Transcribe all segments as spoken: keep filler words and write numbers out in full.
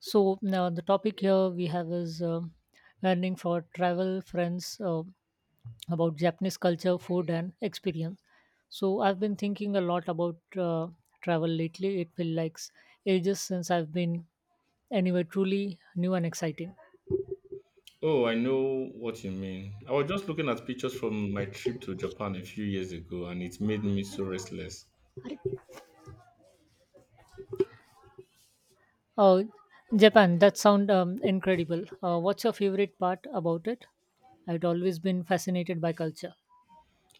So now the topic here we have is um learning for travel friends uh, about Japanese culture, food, and experience. So I've been thinking a lot about uh, travel lately. It feels like s- ages since I've been anywhere truly new and exciting. Oh, I know what you mean. I was just looking at pictures from my trip to Japan a few years ago and it made me so restless. Uh, Japan, that sounds um, incredible. Uh, what's your favorite part about it? I'd always been fascinated by culture.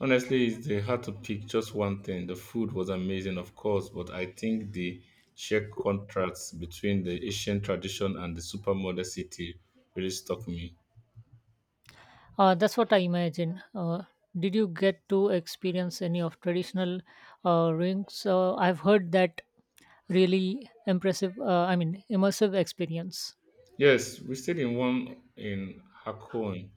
Honestly, it's uh, hard to pick just one thing. The food was amazing, of course, but I think the sheer contrast between the Asian tradition and the supermodern city really stuck me. Uh, that's what I imagine. Uh, did you get to experience any of traditional uh, rings? Uh, I've heard that really impressive. Uh, I mean, immersive experience. Yes, we stayed in one in Hakone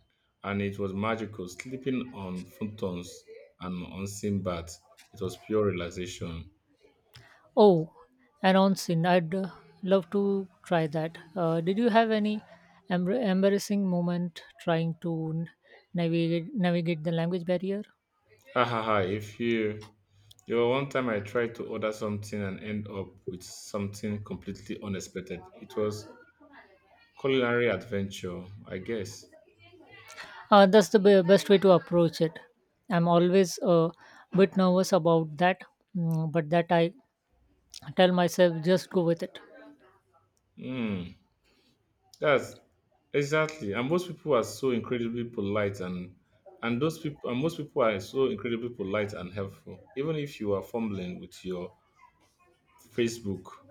and it was magical, sleeping on futons and unseen baths. It was pure relaxation. Oh, and on sin, I'd uh, love to try that. Uh, did you have any embr embarrassing moment trying to n- navigate navigate the language barrier? Ha ha ha, if you You know, one time I tried to order something and end up with something completely unexpected. It was culinary adventure, I guess. Uh, that's the be- best way to approach it. I'm always a bit nervous about that, mm, but that I I tell myself just go with it. Hmm. That's exactly. And most people are so incredibly polite and and those people and most people are so incredibly polite and helpful. Even if you are fumbling with your Facebook.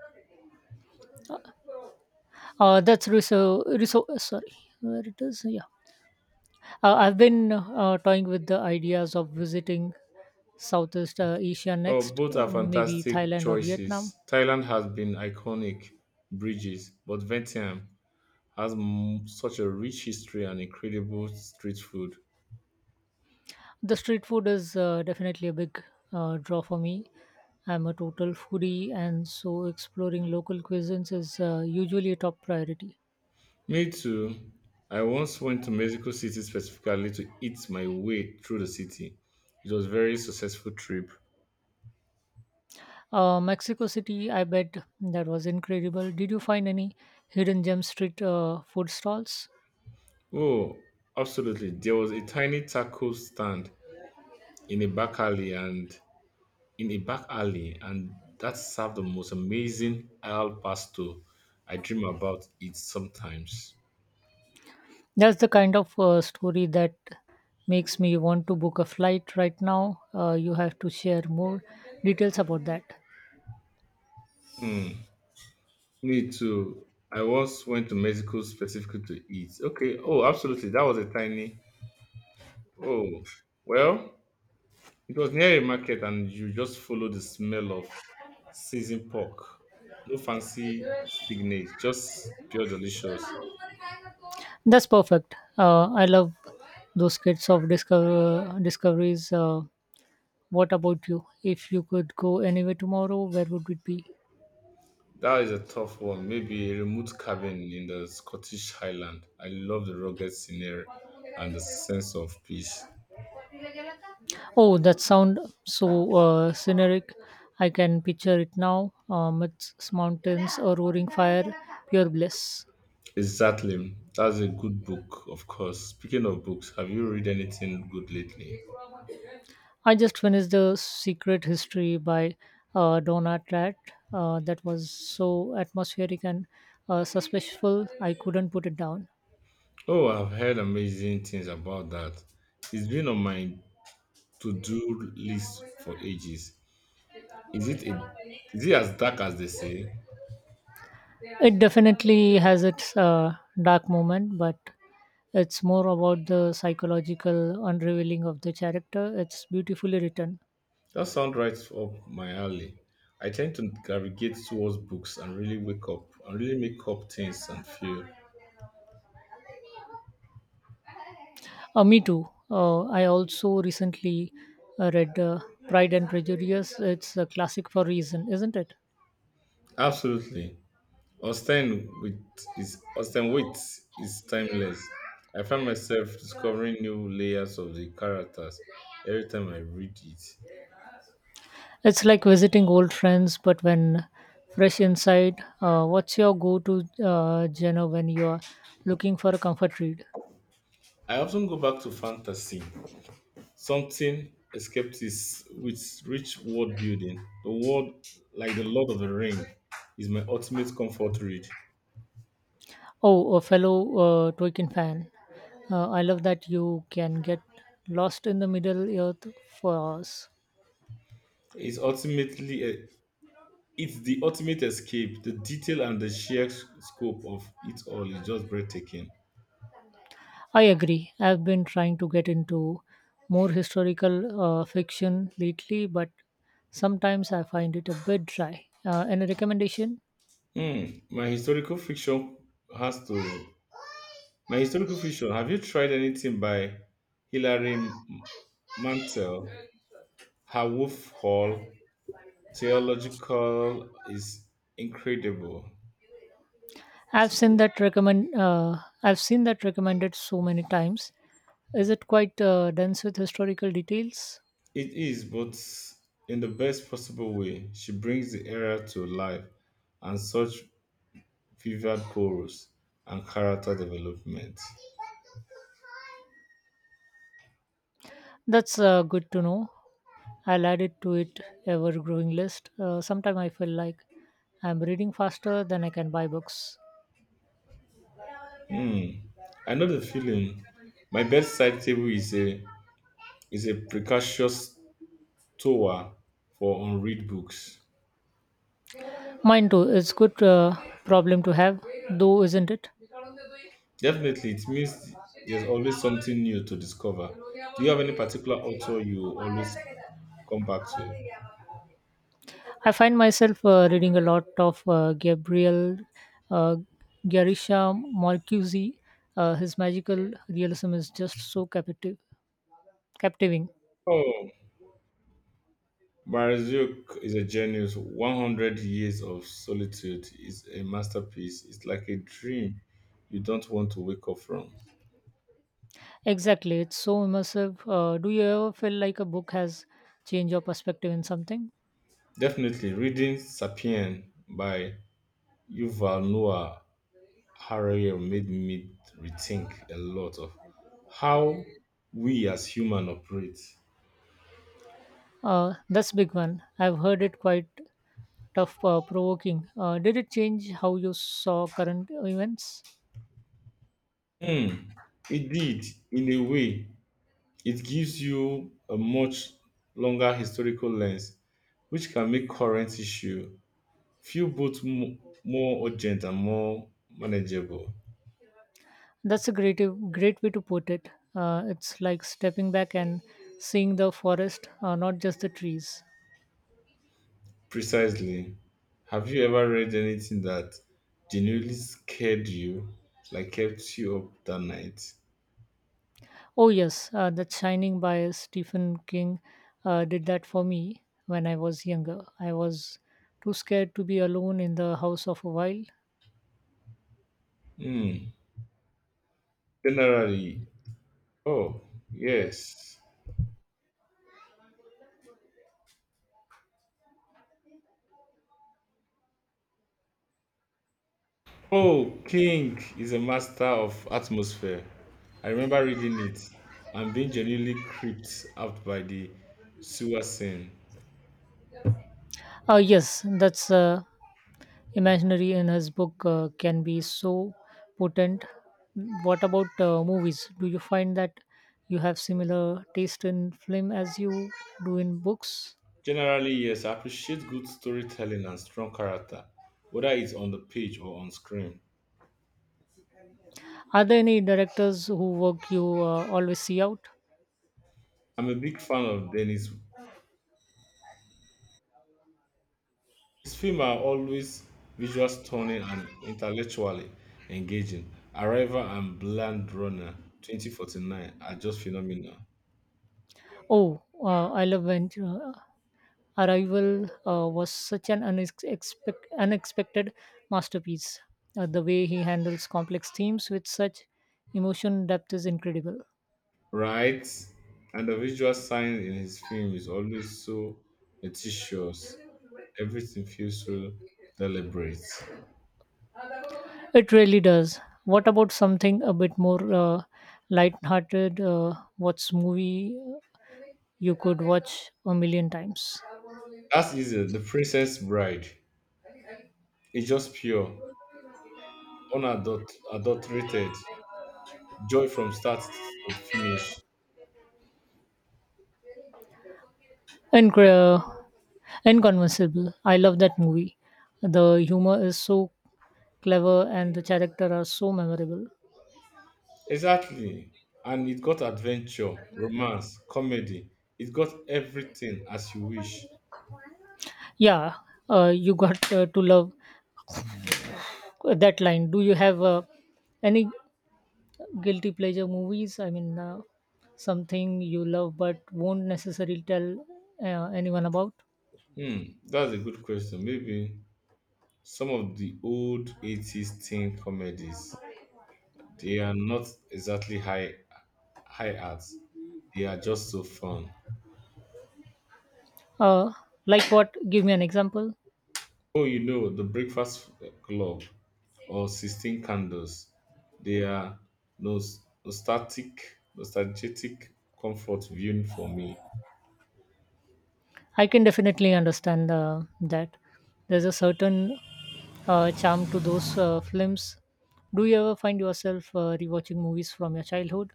uh, That's reso- reso- sorry where it is. Yeah, uh, I've been uh, toying with the ideas of visiting southeast uh, Asia Oh, next, both uh, are maybe fantastic Thailand or Vietnam. choices. Thailand has been iconic bridges, but Vientiane has m- such a rich history and incredible street food. The street food is uh, definitely a big uh, draw for me. I'm a total foodie, and so exploring local cuisines is uh, usually a top priority. Me too. I once went to Mexico City specifically to eat my way through the city. It was a very successful trip. Uh, mexico City, I bet that was incredible. Did you find any hidden gem street uh, food stalls? Oh, absolutely. There was a tiny taco stand in a back alley and in a back alley and that served the most amazing al pastor. I dream about it sometimes. That's the kind of uh, story that makes me want to book a flight right now. Uh, you have to share more details about that. Hmm. Me too. I once went to Mexico specifically to eat. Okay. Oh, absolutely. That was a tiny. Oh, well, it was near a market, and you just follow the smell of seasoned pork. No fancy signage, just pure delicious. That's perfect. Uh, I love those kits of discover, discoveries. Uh, what about you? If you could go anywhere tomorrow, where would it be? That is a tough one. Maybe a remote cabin in the Scottish Highland. I love the rugged scenery and the sense of peace. Oh, that sound so uh, scenic. I can picture it now. Um, it's mountains, a roaring fire, pure bliss. Exactly. That's a good book, of course. Speaking of books, have you read anything good lately? I just finished The Secret History by uh, Donna Tratt. Uh, that was so atmospheric and uh, suspenseful, I couldn't put it down. Oh, I've heard amazing things about that. It's been on my to-do list for ages. Is it a, is it as dark as they say? It definitely has its uh, dark moment, but it's more about the psychological unraveling of the character. It's beautifully written. That sounds right up my alley. I tend to navigate towards books and really wake up and really make up things and feel. Uh, me too. Uh, I also recently uh, read uh, Pride and Prejudice. It's a classic for reason, isn't it? Absolutely. Austen with is Austen Wit is timeless. I find myself discovering new layers of the characters every time I read it. It's like visiting old friends, but when fresh inside. Uh, what's your go to uh, genre when you are looking for a comfort read? I often go back to fantasy. Something escaped is with rich world building. The world, like the Lord of the Ring, is my ultimate comfort read. Oh, a fellow uh, Tolkien fan. Uh, I love that you can get lost in the Middle Earth for hours. It's ultimately a, it's the ultimate escape. The detail and the sheer scope of it all is just breathtaking. I agree. I've been trying to get into more historical uh, fiction lately, but sometimes I find it a bit dry. Uh, any recommendation? Hmm. My historical fiction has to. My historical fiction. Have you tried anything by Hilary M- Mantel? Her Wolf Hall theological is incredible. I've seen that recommend. Uh, I've seen that recommended so many times. Is it quite uh, dense with historical details? It is, but in the best possible way. She brings the era to life and such vivid prose and character development. That's uh, good to know. I'll add it to it ever-growing list. Uh, Sometimes I feel like I'm reading faster than I can buy books. Hmm. I know the feeling. My bedside table is a is a precocious tower for unread books. Mine too. It's good uh, problem to have, though, isn't it? Definitely, it means there's always something new to discover. Do you have any particular author you always come back to? I find myself uh, reading a lot of uh, Gabriel uh, Garisha Marcuse. Uh, his magical realism is just so captivating. Captivating. Oh, Barzuk is a genius. one hundred years of solitude is a masterpiece. It's like a dream you don't want to wake up from. Exactly. It's so immersive. Uh, do you ever feel like a book has changed your perspective in something? Definitely, reading Sapien by Yuval Noah Harari made me rethink a lot of how we as humans operate. Uh, that's big one. I've heard it quite tough, uh, provoking. Uh, did it change how you saw current events? Hmm, it did, in a way. It gives you a much longer historical lens, which can make current issue Few both m- more urgent and more manageable. That's a great, great way to put it. Uh, it's like stepping back and seeing the forest, uh, not just the trees. Precisely. Have you ever read anything that genuinely scared you, like kept you up that night? Oh, yes, uh, that Shining by Stephen King uh, did that for me when I was younger. I was too scared to be alone in the house of a while. Hmm. Generally, oh, yes. Oh, King is a master of atmosphere. I remember reading it and being genuinely creeped out by the sewer scene. Uh, yes, that's uh, imaginary in his book uh, can be so potent. What about uh, movies? Do you find that you have similar taste in film as you do in books? Generally, yes, I appreciate good storytelling and strong character, whether it's on the page or on screen. Are there any directors who work you uh, always see out? I'm a big fan of Dennis. His films are always visually stunning and intellectually engaging. Arrival and Blade Runner twenty forty-nine are just phenomenal, Oh, uh, I love Ventura. Arrival uh, was such an unexpect- unexpected masterpiece. Uh, the way he handles complex themes with such emotion depth is incredible. right? And the visual science in his film is always so meticulous. Everything feels so deliberate. It really does. What about something a bit more uh, light-hearted? Uh, what's movie you could watch a million times? That is uh, The Princess Bride. It's just pure unadulterated adulterated, joy from start to finish. Incre- uh, Inconvincible. I love that movie. The humor is so clever and the character are so memorable. Exactly. And it got adventure, romance, comedy. It got everything as you wish. Yeah, uh, you got uh, to love that line. Do you have uh, any guilty pleasure movies? I mean, uh, something you love but won't necessarily tell uh, anyone about. Hmm, that's a good question. Maybe some of the old eighties teen comedies, they are not exactly high high art. They are just so fun. uh, like what? Give me an example. Oh, you know, the Breakfast Club or sixteen Candles. They are nos- nostalgic, nostalgic comfort viewing for me. I can definitely understand uh, that. There's a certain uh, charm to those uh, films. Do you ever find yourself uh, rewatching movies from your childhood?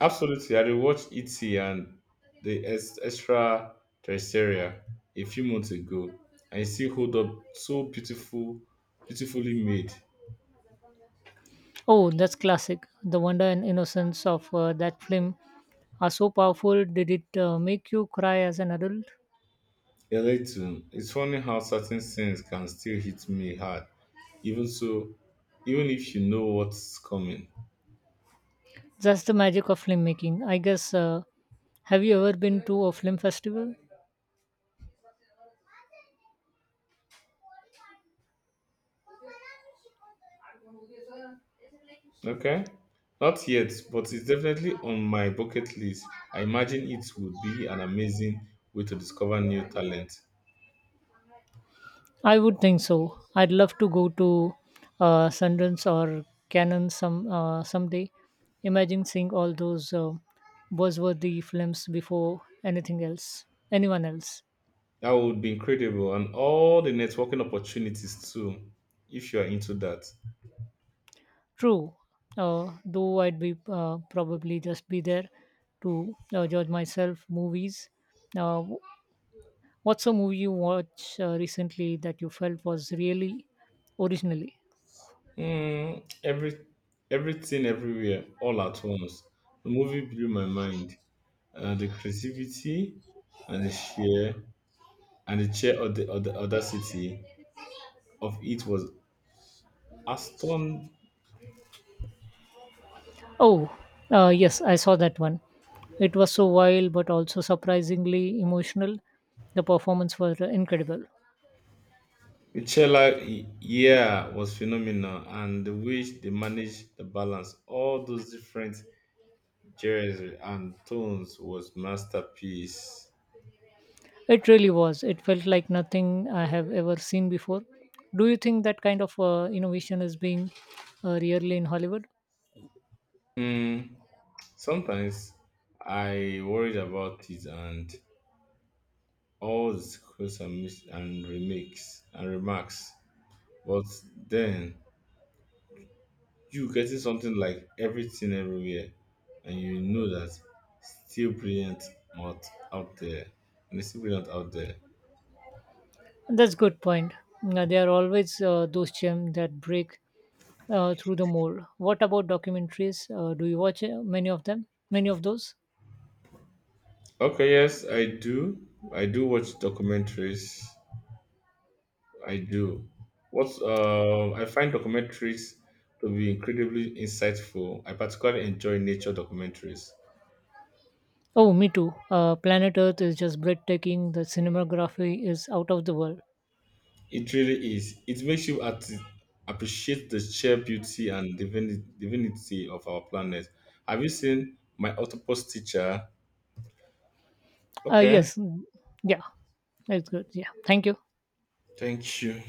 Absolutely. I rewatched E T and the ex- extraterrestrial a few months ago, and it still hold up so beautiful, beautifully made. Oh, that's classic. The wonder and innocence of uh, that film are so powerful. Did it uh, make you cry as an adult? A little. It's funny how certain scenes can still hit me hard, even so, even if you know what's coming. That's the magic of film making, I guess. Uh, have you ever been to a film festival? Okay. Not yet, but it's definitely on my bucket list. I imagine it would be an amazing way to discover new talent. I would think so. I'd love to go to uh, Sundance or Cannes some uh, someday. Imagine seeing all those uh, buzzworthy films before anything else, anyone else. That would be incredible, and all the networking opportunities too, if you are into that. True, uh, though I'd be uh, probably just be there to uh, judge myself movies. Uh, What's a movie you watched uh, recently that you felt was really originally? Hmm. every everything everywhere all at once. The movie blew my mind. Uh, the creativity and the sheer and the sheer aud- aud- audacity of it was aston. Oh, uh, yes, I saw that one. It was so wild, but also surprisingly emotional. The performance were incredible. Michela yeah was phenomenal and the way they managed the balance, all those different genres and tones was masterpiece. It really was. It felt like nothing I have ever seen before. Do you think that kind of uh, innovation is being uh, really in Hollywood? Mm, sometimes I worried about it and all the sequels and, mis- and remakes and remarks. But then you getting something like everything everywhere and you know that still brilliant out out there. And it's still brilliant out there. That's good point. Now, there are always uh, those gems that break uh, through the mold. What about documentaries? Uh, do you watch uh, many of them? Many of those? Okay, yes, I do. I do watch documentaries. I do. What's uh, I find documentaries to be incredibly insightful. I particularly enjoy nature documentaries. Oh, me too. Uh, Planet Earth is just breathtaking. The cinematography is out of the world. It really is. It makes you at- appreciate the sheer beauty and divini- divinity of our planet. Have you seen my octopus teacher? Uh, Okay, Yes, mm, yeah, that's good. Yeah, thank you. thank you.